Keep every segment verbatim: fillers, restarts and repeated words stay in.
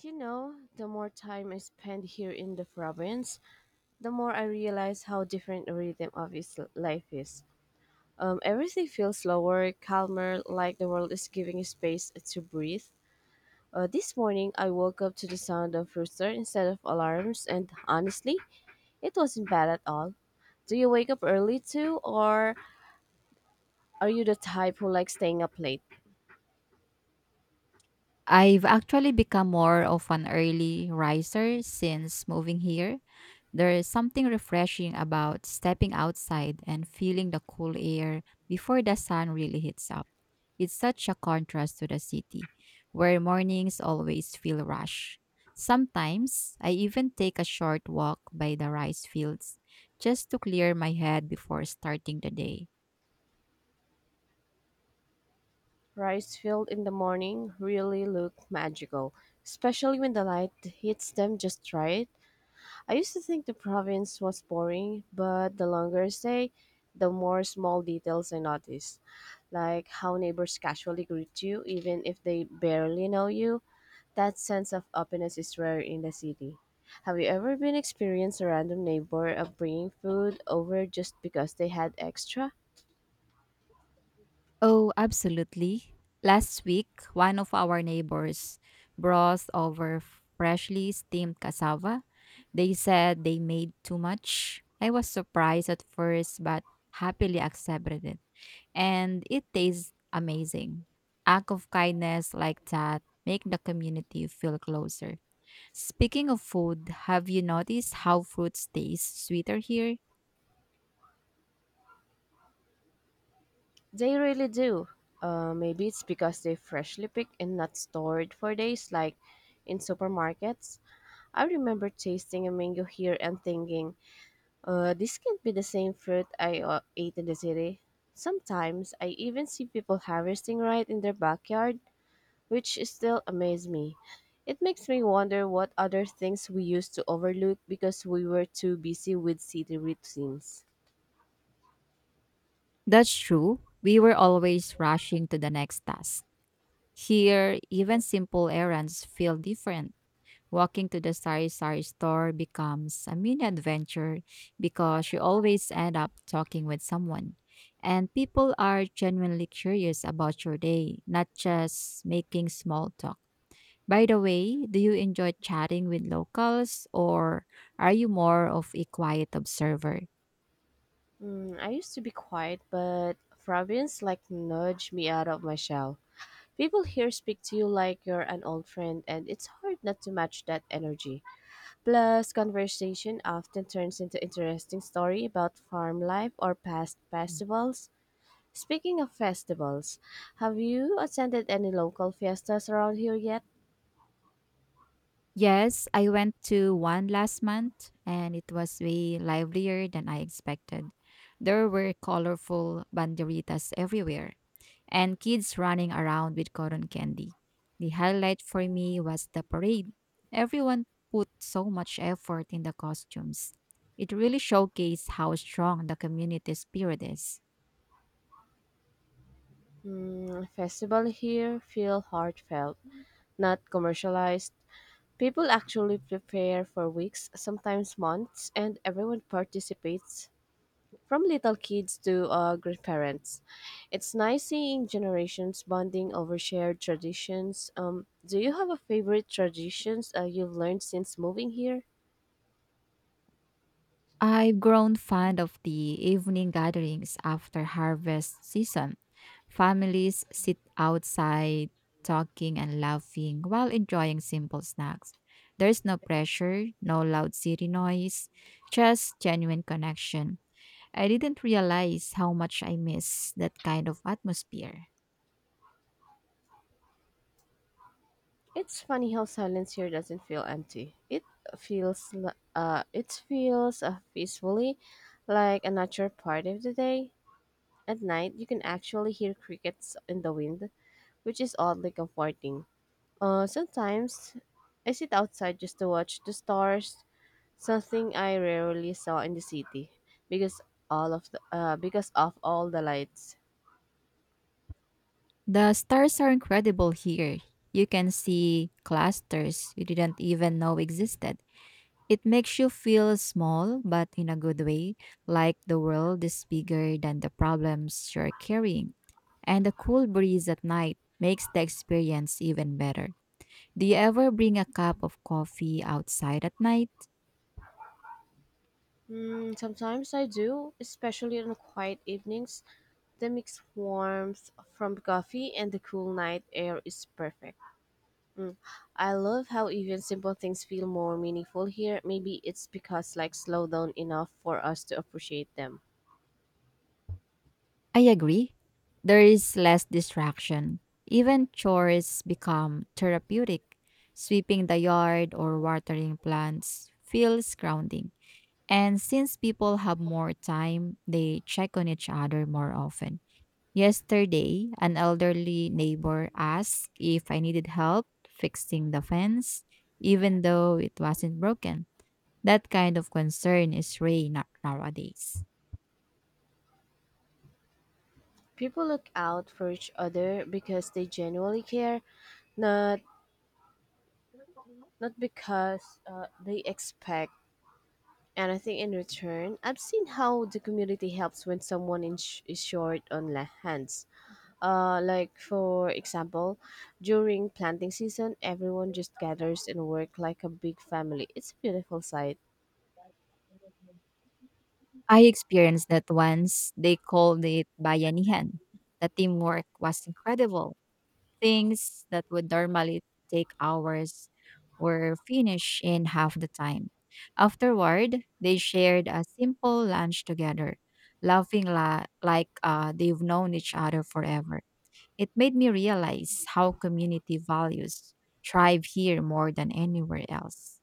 You know, the more time I spend here in the province, the more I realize how different the rhythm of his life is. Um, everything feels slower, calmer, like the world is giving space to breathe. Uh, this morning, I woke up to the sound of rooster instead of alarms, and honestly, it wasn't bad at all. Do you wake up early too, or are you the type who likes staying up late? I've actually become more of an early riser since moving here. There is something refreshing about stepping outside and feeling the cool air before the sun really hits up. It's such a contrast to the city, where mornings always feel rush. Sometimes I even take a short walk by the rice fields just to clear my head before starting the day. Rice fields in the morning really look magical, especially when the light hits them just right. I used to think the province was boring, but the longer I stay, the more small details I notice, like how neighbors casually greet you even if they barely know you. That sense of openness is rare in the city. Have you ever been experienced a random neighbor of bringing food over just because they had extra? Oh, absolutely. Last week, one of our neighbors brought over freshly steamed cassava. They said they made too much. I was surprised at first, but happily accepted it. And it tastes amazing. Act of kindness like that make the community feel closer. Speaking of food, have you noticed how fruits taste sweeter here? They really do. Uh, maybe it's because they freshly picked and not stored for days, like in supermarkets. I remember tasting a mango here and thinking, uh, this can't be the same fruit I uh, ate in the city. Sometimes I even see people harvesting right in their backyard, which still amazes me. It makes me wonder what other things we used to overlook because we were too busy with city routines. That's true. We were always rushing to the next task. Here, even simple errands feel different. Walking to the Sari Sari store becomes a mini adventure because you always end up talking with someone. And people are genuinely curious about your day, not just making small talk. By the way, do you enjoy chatting with locals or are you more of a quiet observer? Mm, I used to be quiet, but Fabians like nudge me out of my shell. People here speak to you like you're an old friend, and it's hard not to match that energy. Plus, conversation often turns into interesting story about farm life or past Mm. festivals. Speaking of festivals, have you attended any local fiestas around here yet? Yes, I went to one last month and it was way livelier than I expected. There were colorful banderitas everywhere and kids running around with cotton candy. The highlight for me was the parade. Everyone put so much effort in the costumes. It really showcased how strong the community spirit is. Mm, festival here feel heartfelt, not commercialized. People actually prepare for weeks, sometimes months, and everyone participates, from little kids to uh, grandparents. It's nice seeing generations bonding over shared traditions. Um, do you have a favorite traditions uh, you've learned since moving here? I've grown fond of the evening gatherings after harvest season. Families sit outside talking and laughing while enjoying simple snacks. There's no pressure, no loud city noise, just genuine connection. I didn't realize how much I miss that kind of atmosphere. It's funny how silence here doesn't feel empty. It feels li- uh, it feels uh, peacefully, like a natural part of the day. At night, you can actually hear crickets in the wind, which is oddly comforting. Uh, sometimes I sit outside just to watch the stars, something I rarely saw in the city because all of the uh, because of all the lights. The stars are incredible here. You can see clusters you didn't even know existed. It makes you feel small, but in a good way, like the world is bigger than the problems you're carrying. And the cool breeze at night makes the experience even better. Do you ever bring a cup of coffee outside at night? Hmm, sometimes I do, especially on quiet evenings. The mix warmth from coffee and the cool night air is perfect. Mm, I love how even simple things feel more meaningful here. Maybe it's because like slow down enough for us to appreciate them. I agree. There is less distraction. Even chores become therapeutic. Sweeping the yard or watering plants feels grounding. And since people have more time, they check on each other more often. Yesterday, an elderly neighbor asked if I needed help fixing the fence, even though it wasn't broken. That kind of concern is rare na- nowadays. People look out for each other because they genuinely care, not not because uh, they expect. And I think in return, I've seen how the community helps when someone in sh- is short on la- hands. Uh, like for example, during planting season, everyone just gathers and work like a big family. It's a beautiful sight. I experienced that once. They called it bayanihan. The teamwork was incredible. Things that would normally take hours were finished in half the time. Afterward, they shared a simple lunch together, laughing la- like uh, they've known each other forever. It made me realize how community values thrive here more than anywhere else.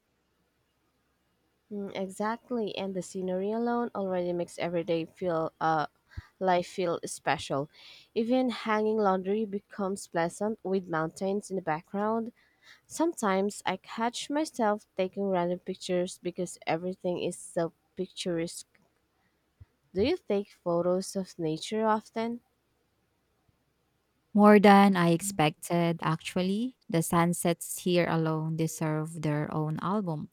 Mm, exactly, and the scenery alone already makes every day feel uh life feel special. Even hanging laundry becomes pleasant with mountains in the background. Sometimes I catch myself taking random pictures because everything is so picturesque. Do you take photos of nature often? More than I expected, actually. The sunsets here alone deserve their own album.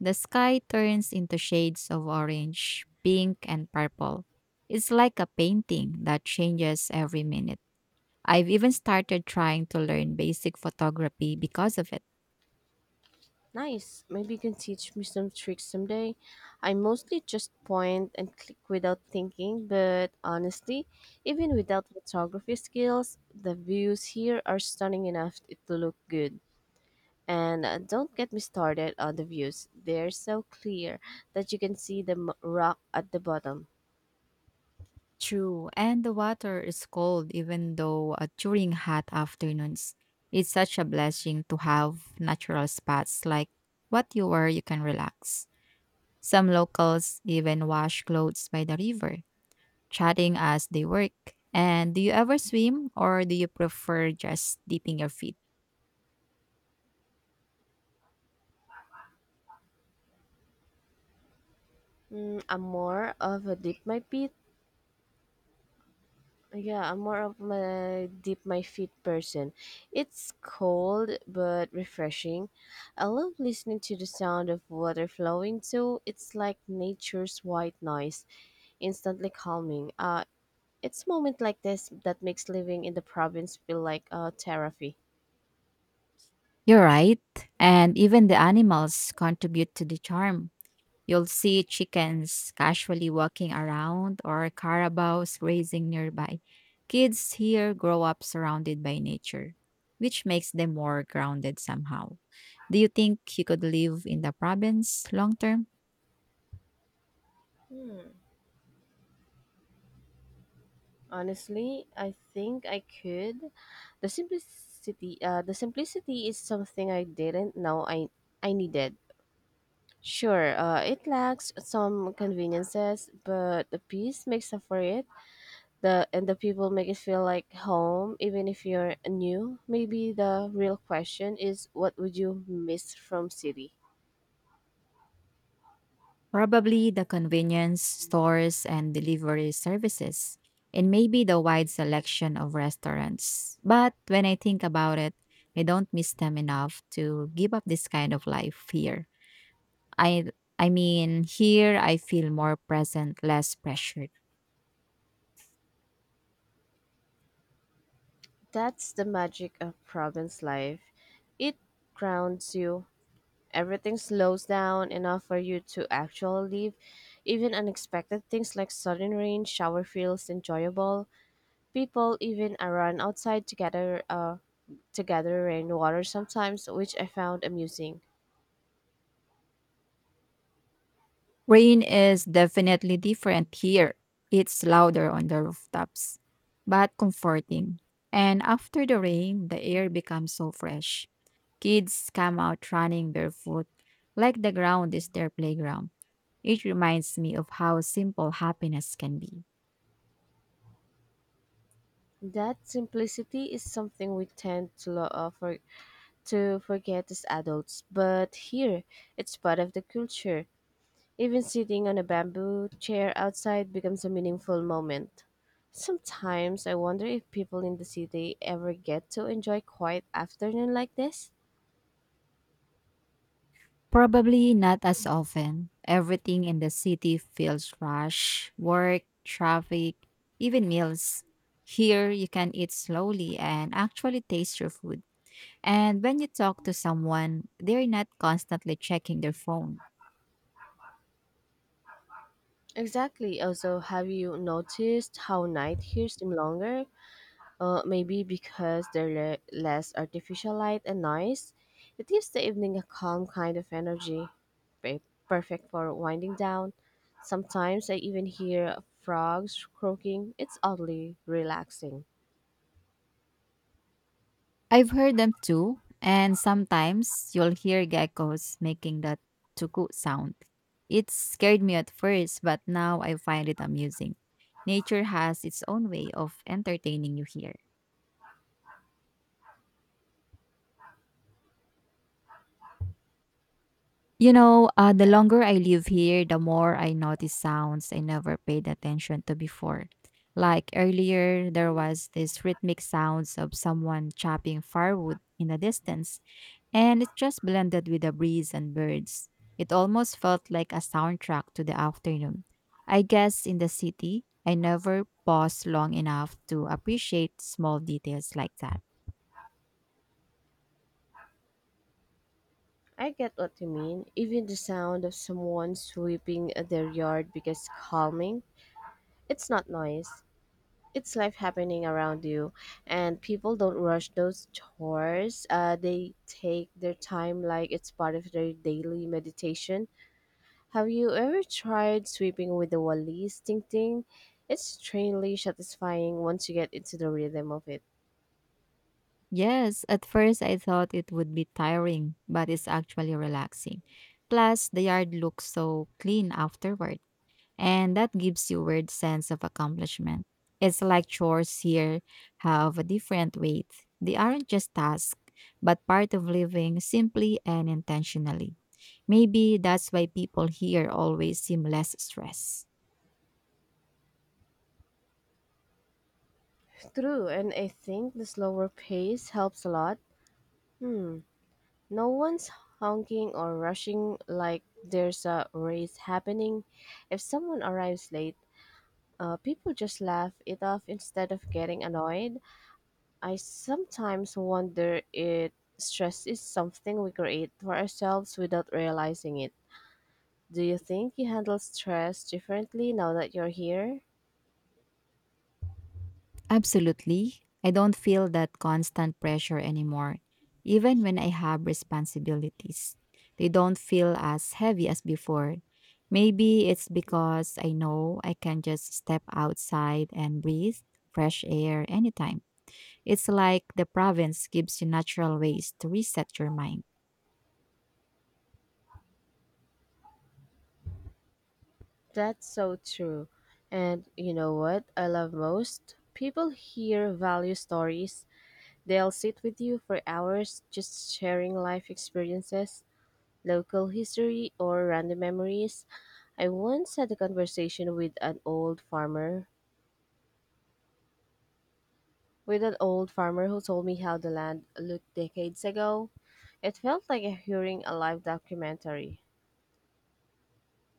The sky turns into shades of orange, pink, and purple. It's like a painting that changes every minute. I've even started trying to learn basic photography because of it. Nice. Maybe you can teach me some tricks someday. I mostly just point and click without thinking, but honestly, even without photography skills, the views here are stunning enough to look good. And uh, don't get me started on the views. They're so clear that you can see the m- rock at the bottom. True, and the water is cold even though uh, during hot afternoons. It's such a blessing to have natural spots like what you were you can relax. Some locals even wash clothes by the river, chatting as they work. And do you ever swim, or do you prefer just dipping your feet? Mm, I'm more of a dip my feet. Yeah, I'm more of a dip my feet person. It's cold but refreshing. I love listening to the sound of water flowing too. It's like nature's white noise, instantly calming. Uh, it's moment like this that makes living in the province feel like uh, therapy. You're right. And even the animals contribute to the charm. You'll see chickens casually walking around or carabaos grazing nearby. Kids here grow up surrounded by nature, which makes them more grounded somehow. Do you think you could live in the province long term? Hmm. Honestly, I think I could. The simplicity, uh, the simplicity is something I didn't know I I needed. Sure, uh, it lacks some conveniences, but the peace makes up for it. The and the people make it feel like home, even if you're new. Maybe the real question is, what would you miss from city? Probably the convenience stores and delivery services, and maybe the wide selection of restaurants. But when I think about it, I don't miss them enough to give up this kind of life here. I I mean, here I feel more present, less pressured. That's the magic of province life. It grounds you. Everything slows down enough for you to actually leave. Even unexpected things like sudden rain, shower feels enjoyable. People even run outside together. Uh, together rainwater sometimes, which I found amusing. Rain is definitely different here. It's louder on the rooftops, but comforting. And after the rain, the air becomes so fresh. Kids come out running barefoot, like the ground is their playground. It reminds me of how simple happiness can be. That simplicity is something we tend to lo- uh, for- to forget as adults, but here it's part of the culture. Even sitting on a bamboo chair outside becomes a meaningful moment. Sometimes I wonder if people in the city ever get to enjoy quiet afternoon like this. Probably not as often. Everything in the city feels rush work, traffic, even meals. Here, you can eat slowly and actually taste your food. And when you talk to someone, they're not constantly checking their phone. Exactly. Also, have you noticed how night here seem longer? Uh, maybe because they're le- less artificial light and noise. It gives the evening a calm kind of energy, pe- perfect for winding down. Sometimes I even hear frogs croaking. It's oddly relaxing. I've heard them too, and sometimes you'll hear geckos making that tuku sound. It scared me at first, but now I find it amusing. Nature has its own way of entertaining you here. You know, uh, the longer I live here, the more I notice sounds I never paid attention to before. Like earlier, there was this rhythmic sounds of someone chopping firewood in the distance, and it just blended with the breeze and birds. It almost felt like a soundtrack to the afternoon. I guess in the city, I never pause long enough to appreciate small details like that. I get what you mean. Even the sound of someone sweeping their yard becomes calming. It's not noise, it's life happening around you, and people don't rush those chores. Uh, they take their time like it's part of their daily meditation. Have you ever tried sweeping with the wallis ting ting? It's strangely satisfying once you get into the rhythm of it. Yes, at first I thought it would be tiring, but it's actually relaxing. Plus, the yard looks so clean afterward, and that gives you weird sense of accomplishment. It's like chores here have a different weight. They aren't just tasks, but part of living simply and intentionally. Maybe that's why people here always seem less stressed. True, and I think the slower pace helps a lot. Hmm, no one's honking or rushing like there's a race happening. If someone arrives late, Uh, people just laugh it off instead of getting annoyed. I sometimes wonder if stress is something we create for ourselves without realizing it. Do you think you handle stress differently now that you're here? Absolutely. I don't feel that constant pressure anymore, even when I have responsibilities. They don't feel as heavy as before. Maybe it's because I know I can just step outside and breathe fresh air anytime. It's like the province gives you natural ways to reset your mind. That's so true. And you know what I love most? People here value stories. They'll sit with you for hours just sharing life experiences, local history, or random memories. I once had a conversation with an old farmer, with an old farmer who told me how the land looked decades ago. It felt like hearing a live documentary.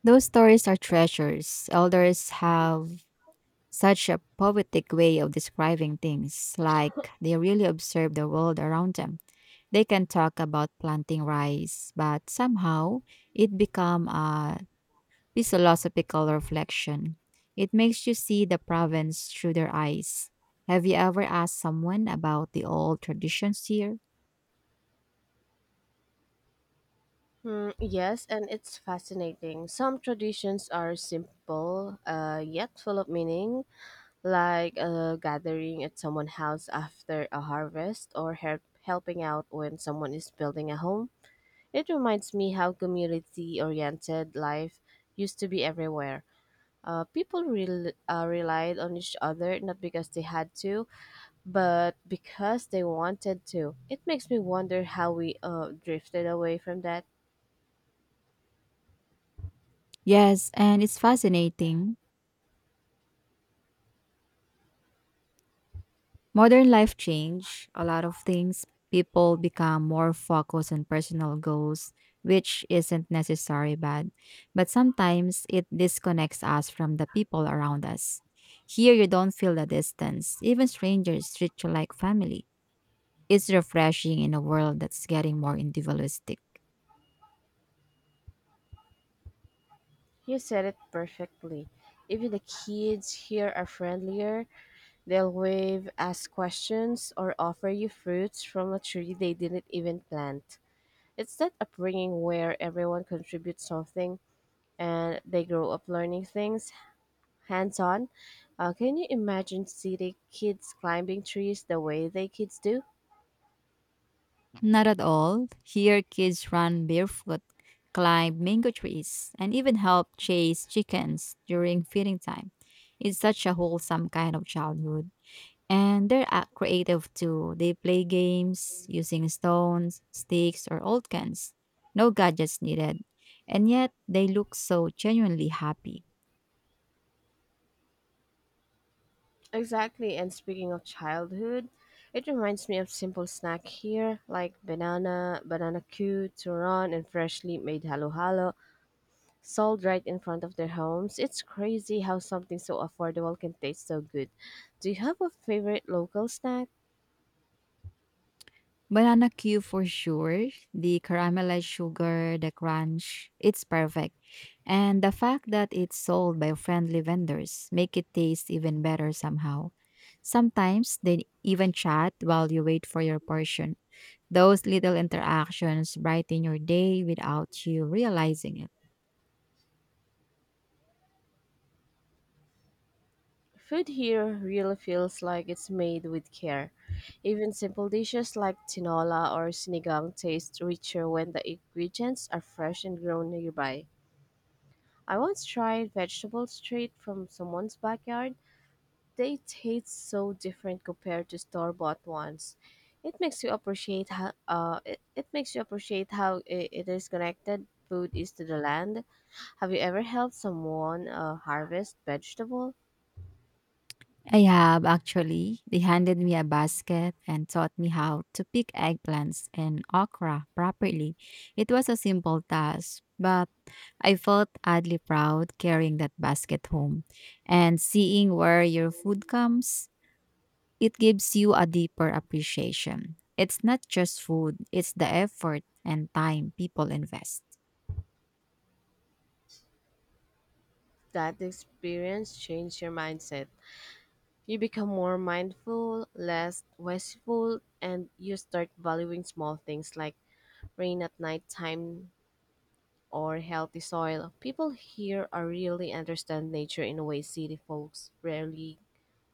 Those stories are treasures. Elders have such a poetic way of describing things, like they really observe the world around them. They can talk about planting rice, but somehow it become a philosophical reflection. It makes you see the province through their eyes. Have you ever asked someone about the old traditions here? Hmm, yes, and it's fascinating. Some traditions are simple, uh, yet full of meaning, like uh, gathering at someone's house after a harvest or help, helping out when someone is building a home. It reminds me how community oriented life used to be everywhere. Uh, people rel uh, relied on each other not because they had to, but because they wanted to. It makes me wonder how we uh, drifted away from that. Yes, and it's fascinating. Modern life change a lot of things. People become more focused on personal goals, which isn't necessarily bad, but sometimes it disconnects us from the people around us. Here, you don't feel the distance. Even strangers treat you like family. It's refreshing in a world that's getting more individualistic. You said it perfectly. Even the kids here are friendlier. They'll wave, ask questions, or offer you fruits from a tree they didn't even plant. It's that upbringing where everyone contributes something and they grow up learning things hands on. Uh, can you imagine city kids climbing trees the way they kids do? Not at all. Here, kids run barefoot, climb mango trees, and even help chase chickens during feeding time. It's such a wholesome kind of childhood. And they're ac- creative too. They play games using stones, sticks, or old cans. No gadgets needed. And yet, they look so genuinely happy. Exactly. And speaking of childhood, it reminds me of simple snack here like banana, banana cue, turon, and freshly made halo halo sold right in front of their homes. It's crazy how something so affordable can taste so good. Do you have a favorite local snack? Banana Q for sure. The caramelized sugar, the crunch, it's perfect. And the fact that it's sold by friendly vendors make it taste even better somehow. Sometimes they even chat while you wait for your portion. Those little interactions brighten your day without you realizing it. Food here really feels like it's made with care. Even simple dishes like tinola or sinigang taste richer when the ingredients are fresh and grown nearby. I once tried vegetable street from someone's backyard. They taste so different compared to store-bought ones. It makes you appreciate how uh, it, it makes you appreciate how I it is connected food is to the land. Have you ever helped someone uh, harvest vegetable? I have actually. They handed me a basket and taught me how to pick eggplants and okra properly. It was a simple task, but I felt oddly proud carrying that basket home and seeing where your food comes. It gives you a deeper appreciation. It's not just food, it's the effort and time people invest. That experience changed your mindset. You become more mindful, less wasteful, and you start valuing small things like rain at nighttime or healthy soil. People here are really understand nature in a way city folks rarely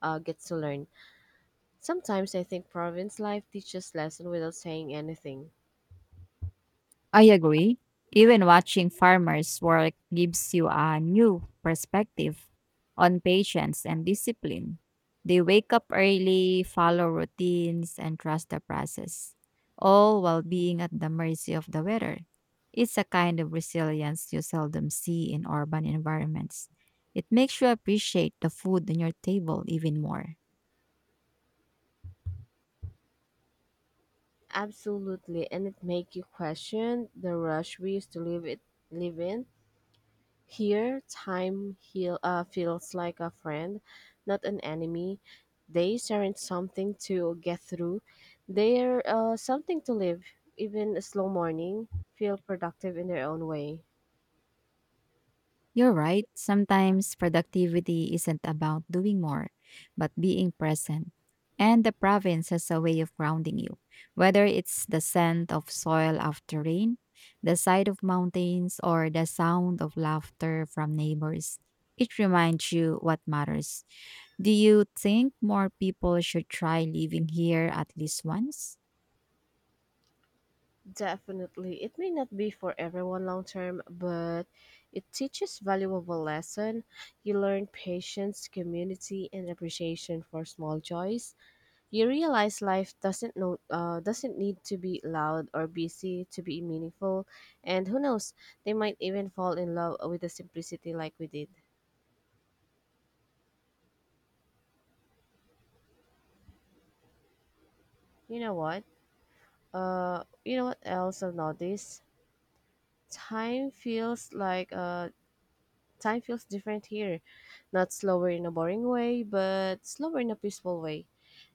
uh, get to learn. Sometimes I think province life teaches lesson without saying anything. I agree. Even watching farmers work gives you a new perspective on patience and discipline. They wake up early, follow routines, and trust the process, all while being at the mercy of the weather. It's a kind of resilience you seldom see in urban environments. It makes you appreciate the food on your table even more. Absolutely, and it make you question the rush we used to live it live in. Here, time heal, uh, feels like a friend, not an enemy. Days aren't something to get through, they're uh, something to live. Even a slow morning feel productive in their own way. You're right. Sometimes productivity isn't about doing more, but being present. And the province has a way of grounding you, whether it's the scent of soil after rain, the sight of mountains, or the sound of laughter from neighbors. It reminds you what matters. Do you think more people should try living here at least once? Definitely, it may not be for everyone long term, but it teaches valuable lesson. You learn patience, community, and appreciation for small joys. You realize life doesn't know, uh, doesn't need to be loud or busy to be meaningful, and who knows, they might even fall in love with the simplicity like we did. You know what? Uh, you know what else I've noticed? Time feels like uh, Time feels different here, not slower in a boring way, but slower in a peaceful way.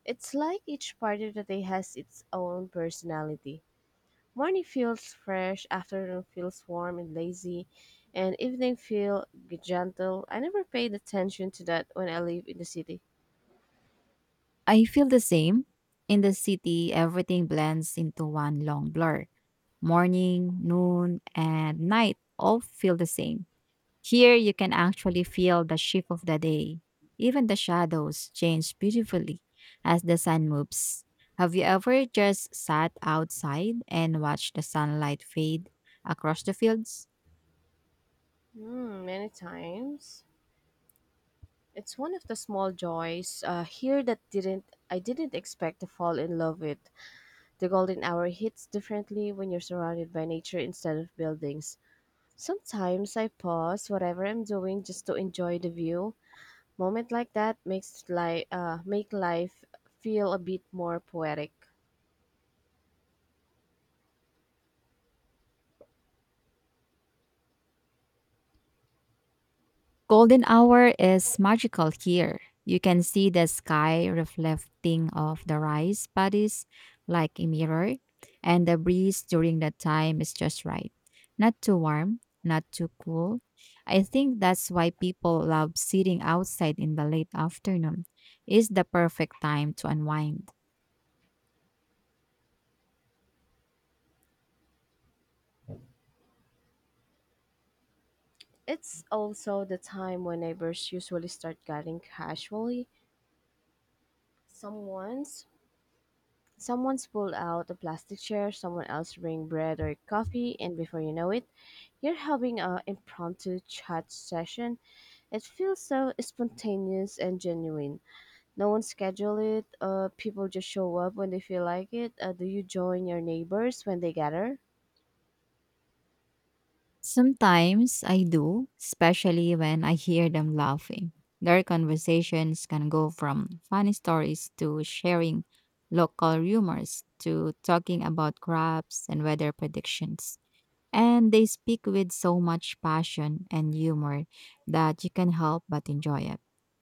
It's like each part of the day has its own personality. Morning feels fresh, afternoon feels warm and lazy, and evening feel g- gentle. I never paid attention to that when I live in the city. I feel the same. In the city, everything blends into one long blur. Morning, noon, and night all feel the same. Here you can actually feel the shift of the day. Even the shadows change beautifully as the sun moves. Have you ever just sat outside and watched the sunlight fade across the fields? Hmm, many times. It's one of the small joys uh, here that didn't I didn't expect to fall in love with. The golden hour hits differently when you're surrounded by nature instead of buildings. Sometimes I pause whatever I'm doing just to enjoy the view. Moment like that makes life uh, make life feel a bit more poetic. Golden hour is magical here. You can see the sky reflecting off the rice paddies like a mirror, and the breeze during that time is just right. Not too warm, not too cool. I think that's why people love sitting outside in the late afternoon. It's the perfect time to unwind. It's also the time when neighbors usually start chatting casually. Someone's someone's pull out a plastic chair, someone else bring bread or coffee, and before you know it, you're having a impromptu chat session. It feels so spontaneous and genuine. No one schedule it. Uh, people just show up when they feel like it. Uh, do you join your neighbors when they gather? Sometimes I do, especially when I hear them laughing. Their conversations can go from funny stories to sharing local rumors to talking about crops and weather predictions. And they speak with so much passion and humor that you can help but enjoy it.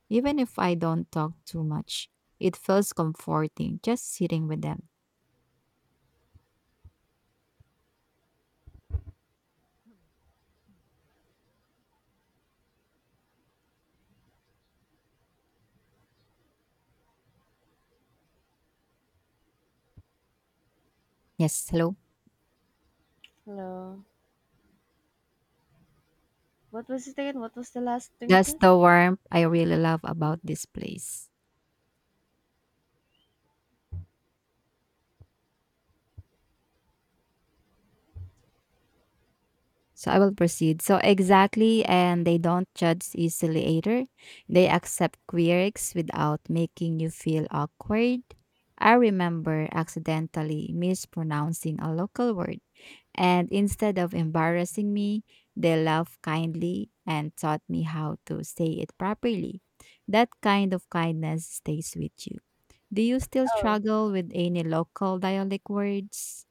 Even if I don't talk too much, it feels comforting just sitting with them. Yes, hello. Hello. What was it again? What was the last thing it That's says? the warmth I really love about this place. So I will proceed. So exactly, and they don't judge easily either. They accept quirks without making you feel awkward. I remember accidentally mispronouncing a local word, and instead of embarrassing me, they laughed kindly and taught me how to say it properly. That kind of kindness stays with you. Do you still Oh, struggle with any local dialect words?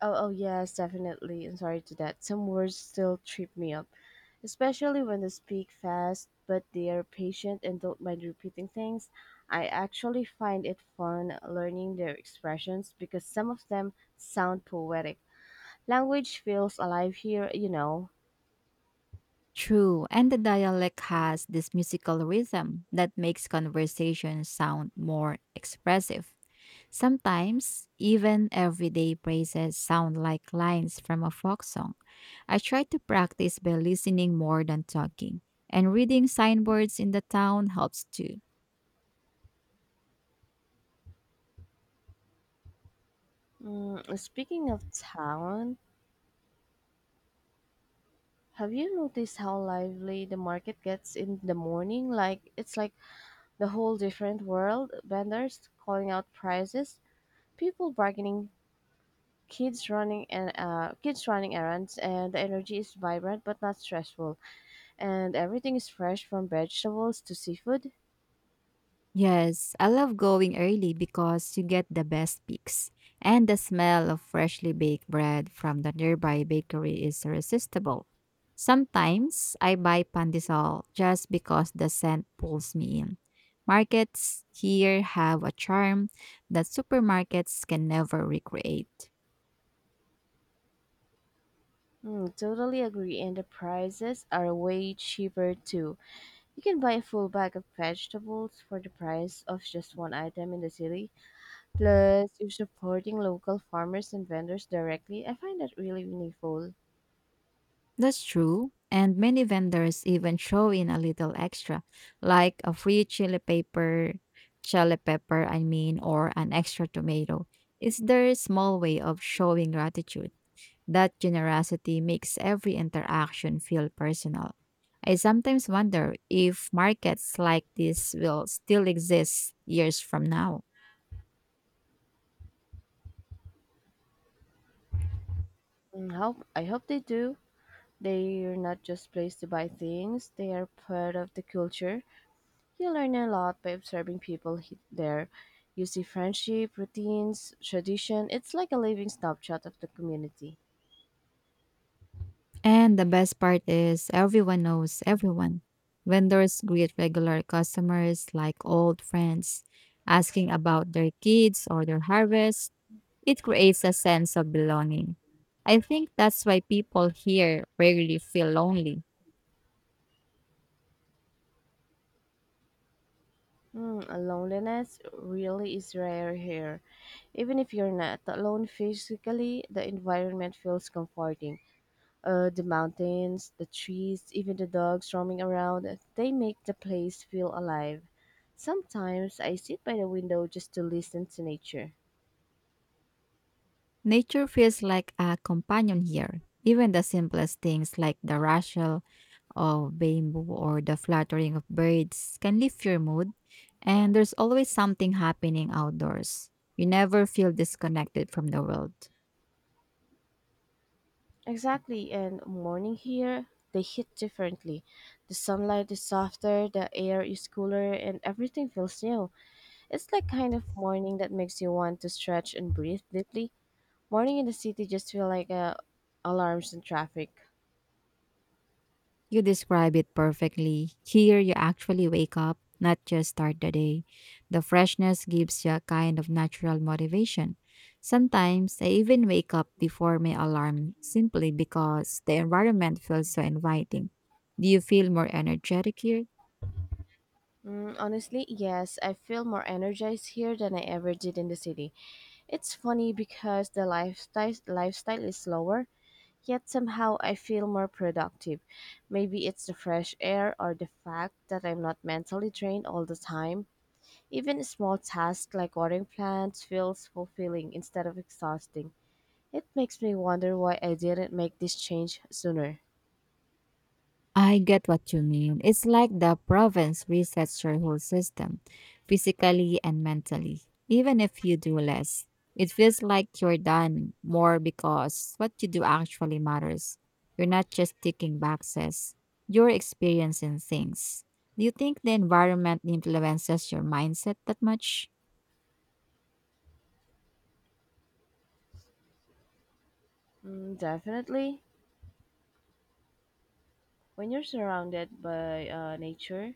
Oh, oh yes, definitely. I'm sorry to that. Some words still trip me up, especially when they speak fast, but they are patient and don't mind repeating things. I actually find it fun learning their expressions because some of them sound poetic. Language feels alive here, you know. True, and the dialect has this musical rhythm that makes conversations sound more expressive. Sometimes, even everyday praises sound like lines from a folk song. I try to practice by listening more than talking, and reading signboards in the town helps too. Mm, speaking of town, have you noticed how lively the market gets in the morning? Like it's like the whole different world. Vendors calling out prices, people bargaining, kids running and uh, kids running errands, and the energy is vibrant but not stressful, and everything is fresh from vegetables to seafood. Yes, I love going early because you get the best peaks, and the smell of freshly baked bread from the nearby bakery is irresistible. Sometimes I buy pandesal just because the scent pulls me in. Markets here have a charm that supermarkets can never recreate. Hmm, totally agree, and the prices are way cheaper too. You can buy a full bag of vegetables for the price of just one item in the city. Plus you're supporting local farmers and vendors directly. I find that really meaningful. That's true. And many vendors even throw in a little extra, like a free chili pepper, chili pepper, I mean, or an extra tomato. It's their small way of showing gratitude. That generosity makes every interaction feel personal. I sometimes wonder if markets like this will still exist years from now. Mm, hope I hope they do. They're not just place to buy things, they are part of the culture. You learn a lot by observing people he- there. You see friendship, routines, tradition. It's like a living snapshot of the community. And the best part is everyone knows everyone. Vendors greet regular customers like old friends, asking about their kids or their harvest. It creates a sense of belonging. I think that's why people here rarely feel lonely. Hmm, loneliness really is rare here. Even if you're not alone physically, the environment feels comforting. Uh, the mountains, the trees, even the dogs roaming around, they make the place feel alive. Sometimes I sit by the window just to listen to nature. Nature feels like a companion here. Even the simplest things like the rustle of bamboo or the fluttering of birds can lift your mood, and there's always something happening outdoors. You never feel disconnected from the world. Exactly, and morning here, they hit differently. The sunlight is softer, the air is cooler, and everything feels new. It's like kind of morning that makes you want to stretch and breathe deeply. Morning in the city just feel like uh, alarms and traffic. You describe it perfectly. Here, you actually wake up, not just start the day. The freshness gives you a kind of natural motivation. Sometimes I even wake up before my alarm simply because the environment feels so inviting. Do you feel more energetic here? Mm, honestly, yes, I feel more energized here than I ever did in the city. It's funny because the lifestyle lifestyle is slower, yet somehow I feel more productive. Maybe it's the fresh air or the fact that I'm not mentally drained all the time. Even small tasks like watering plants feels fulfilling instead of exhausting. It makes me wonder why I didn't make this change sooner. I get what you mean. It's like the province resets your whole system, physically and mentally. Even if you do less, it feels like you're done more because what you do actually matters. You're not just ticking boxes, you're experiencing things. Do you think the environment influences your mindset that much? Mm, definitely. When you're surrounded by uh, nature,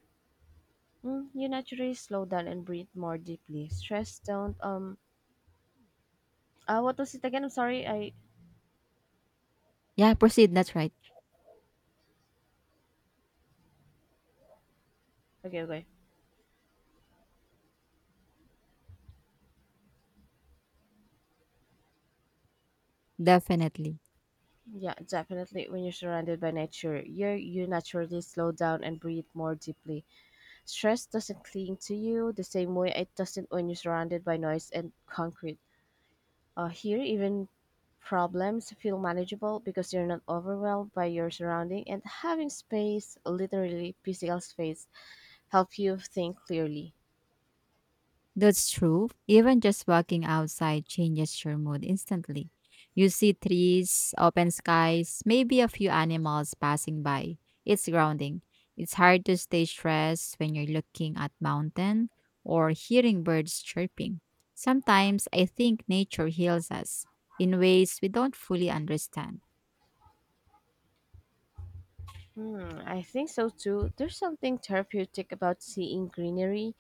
mm, you naturally slow down and breathe more deeply. Stress don't um uh what was it again? I'm sorry. I Yeah, proceed. That's right. Okay, okay. Definitely. Yeah, definitely. When you're surrounded by nature, you you naturally slow down and breathe more deeply. Stress doesn't cling to you the same way it doesn't when you're surrounded by noise and concrete. Uh, here, even problems feel manageable because you're not overwhelmed by your surrounding, and having space, literally physical space, help you think clearly. That's true. Even just walking outside changes your mood instantly. You see trees, open skies, maybe a few animals passing by. It's grounding. It's hard to stay stressed when you're looking at mountain or hearing birds chirping. Sometimes I think nature heals us in ways we don't fully understand. Hmm, I think so too. There's something therapeutic about seeing greenery.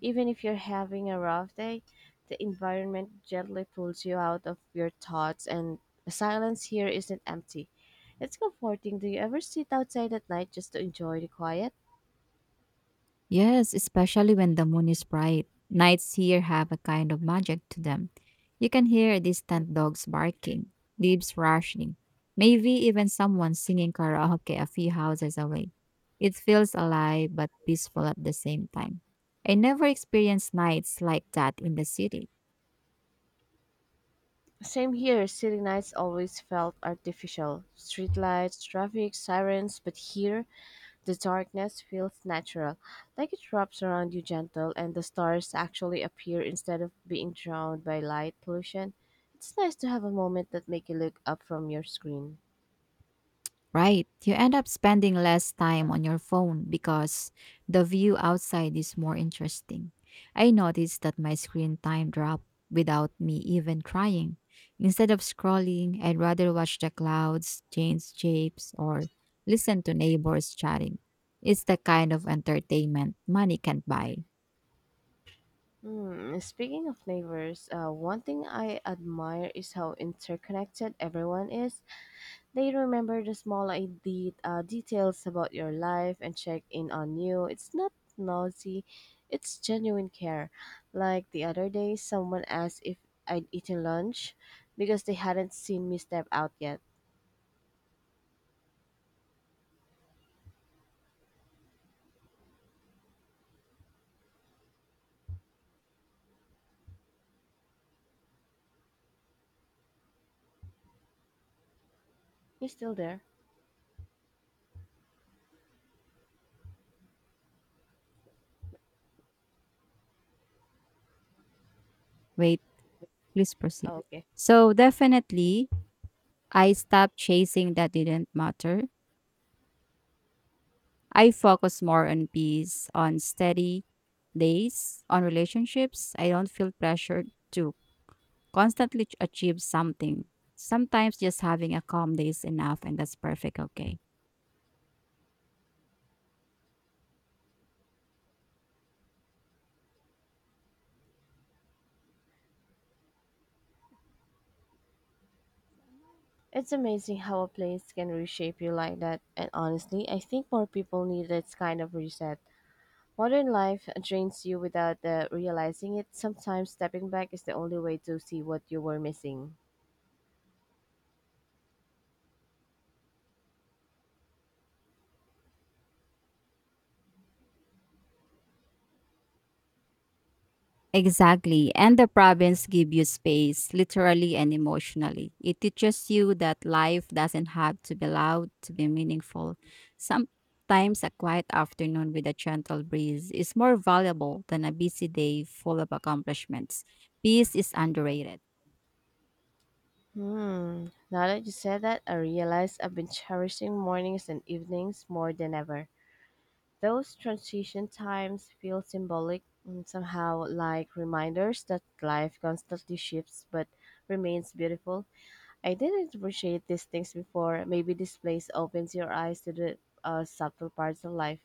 Even if you're having a rough day, the environment gently pulls you out of your thoughts, and the silence here isn't empty. It's comforting. Do you ever sit outside at night just to enjoy the quiet? Yes, especially when the moon is bright. Nights here have a kind of magic to them. You can hear distant dogs barking, leaves rushing, maybe even someone singing karaoke a few houses away. It feels alive but peaceful at the same time. I never experienced nights like that in the city. Same here. City nights always felt artificial. Streetlights, traffic, sirens, but here the darkness feels natural, like it wraps around you gentle, and the stars actually appear instead of being drowned by light pollution. It's nice to have a moment that make you look up from your screen. Right. You end up spending less time on your phone because the view outside is more interesting. I noticed that my screen time dropped without me even trying. Instead of scrolling, I'd rather watch the clouds, change shapes, or listen to neighbors chatting. It's the kind of entertainment money can't buy. Hmm, speaking of neighbors, uh, one thing I admire is how interconnected everyone is. They remember the small ide- uh, details about your life and check in on you. It's not nosy, it's genuine care. Like the other day, someone asked if I'd eaten lunch because they hadn't seen me step out yet. You still there? Wait, please proceed. Oh, okay. So, definitely, I stopped chasing that didn't matter. I focus more on peace, on steady days, on relationships. I don't feel pressured to constantly ch- achieve something. Sometimes just having a calm day is enough, and that's perfect. Okay. It's amazing how a place can reshape you like that, and honestly, I think more people need this kind of reset. Modern life drains you without uh, realizing it. Sometimes stepping back is the only way to see what you were missing. Exactly. And the province give you space, literally and emotionally. It teaches you that life doesn't have to be loud to be meaningful. Sometimes a quiet afternoon with a gentle breeze is more valuable than a busy day full of accomplishments. Peace is underrated. Hmm. Now that you said that, I realize I've been cherishing mornings and evenings more than ever. Those transition times feel symbolic and somehow like reminders that life constantly shifts but remains beautiful. I didn't appreciate these things before. Maybe this place opens your eyes to the uh, subtle parts of life.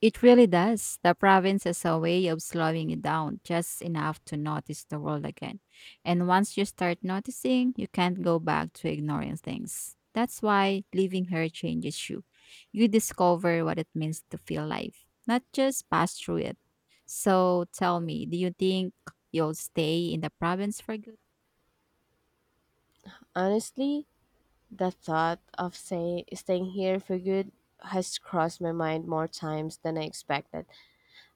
It really does. The province is a way of slowing you down just enough to notice the world again. And once you start noticing, you can't go back to ignoring things. That's why living here changes you. You discover what it means to feel life, not just pass through it. So tell me, do you think you'll stay in the province for good? Honestly, the thought of say staying here for good has crossed my mind more times than I expected.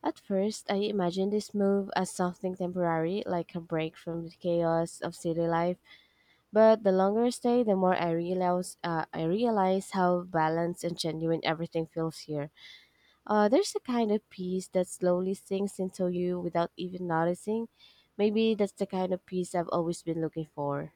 At first, I imagined this move as something temporary, like a break from the chaos of city life. But the longer I stay, the more I realize uh, I realize how balanced and genuine everything feels here. Uh, there's a kind of peace that slowly sinks into you without even noticing. Maybe that's the kind of peace I've always been looking for.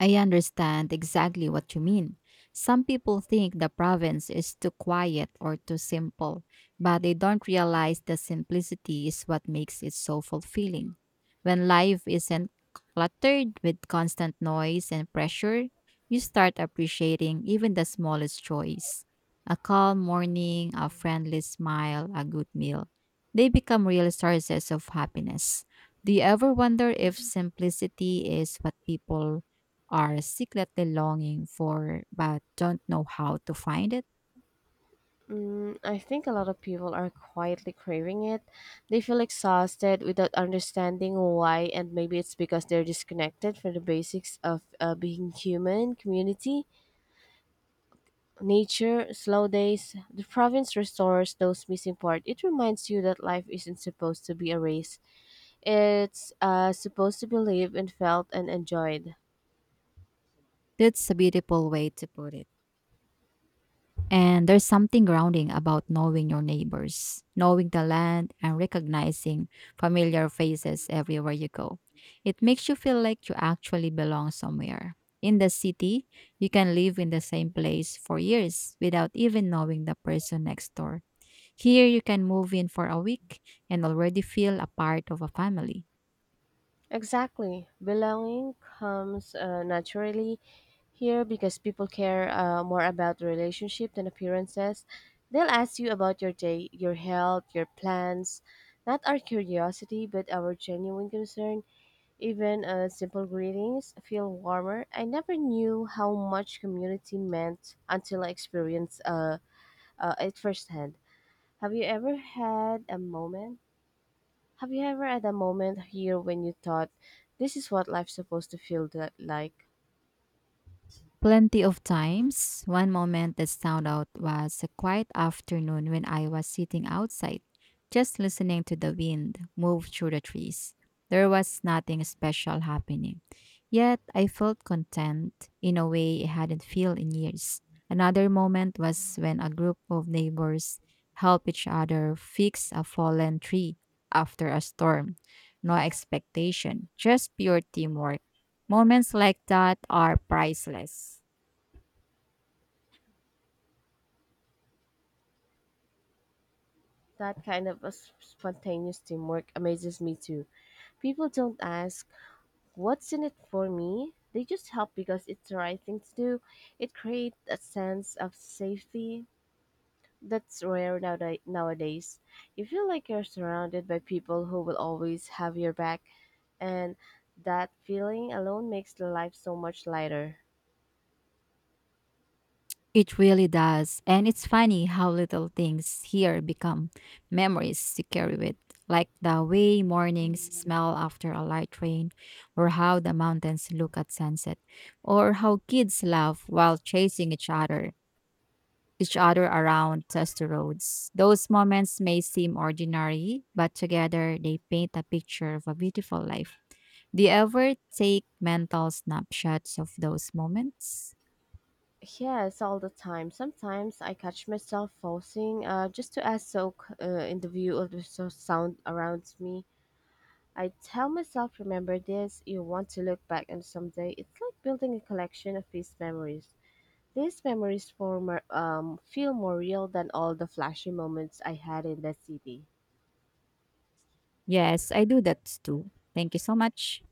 I understand exactly what you mean. Some people think the province is too quiet or too simple, but they don't realize the simplicity is what makes it so fulfilling. When life isn't cluttered with constant noise and pressure, you start appreciating even the smallest joys. A calm morning, a friendly smile, a good meal. They become real sources of happiness. Do you ever wonder if simplicity is what people are secretly longing for but don't know how to find it? Mm, I think a lot of people are quietly craving it. They feel exhausted without understanding why, and maybe it's because they're disconnected from the basics of uh, being human, community, nature, slow days. The province restores those missing parts. It reminds you that life isn't supposed to be a race, it's uh, supposed to be lived and felt and enjoyed. That's a beautiful way to put it. And there's something grounding about knowing your neighbors, knowing the land, and recognizing familiar faces everywhere you go. It makes you feel like you actually belong somewhere. In the city, you can live in the same place for years without even knowing the person next door. Here, you can move in for a week and already feel a part of a family. Exactly. Belonging comes uh, naturally here because people care uh, more about relationship than appearances. They'll ask you about your day, your health, your plans, not our curiosity, but our genuine concern. Even uh, simple greetings feel warmer. I never knew how much community meant until I experienced uh, uh, it firsthand. Have you ever had a moment? Have you ever had a moment here when you thought, this is what life's supposed to feel that, like? Plenty of times. One moment that stood out was a quiet afternoon when I was sitting outside, just listening to the wind move through the trees. There was nothing special happening, yet I felt content in a way I hadn't felt in years. Another moment was when a group of neighbors helped each other fix a fallen tree after a storm. No expectation, just pure teamwork. Moments like that are priceless. That kind of a s- spontaneous teamwork amazes me too. People don't ask, what's in it for me? They just help because it's the right thing to do. It creates a sense of safety that's rare nowada- nowadays. You feel like you're surrounded by people who will always have your back, and that feeling alone makes life so much lighter. It really does. And it's funny how little things here become memories you carry with, like the way mornings smell after a light rain, or how the mountains look at sunset, or how kids laugh while chasing each other each other around dusty roads. Those moments may seem ordinary, but together they paint a picture of a beautiful life. Do you ever take mental snapshots of those moments? Yes, all the time. Sometimes I catch myself pausing uh, just to ask soak uh, in the view of the so- sound around me. I tell myself, remember this, you want to look back on someday. It's like building a collection of these memories. These memories form, uh, um, feel more real than all the flashy moments I had in the city. Yes, I do that too. Thank you so much.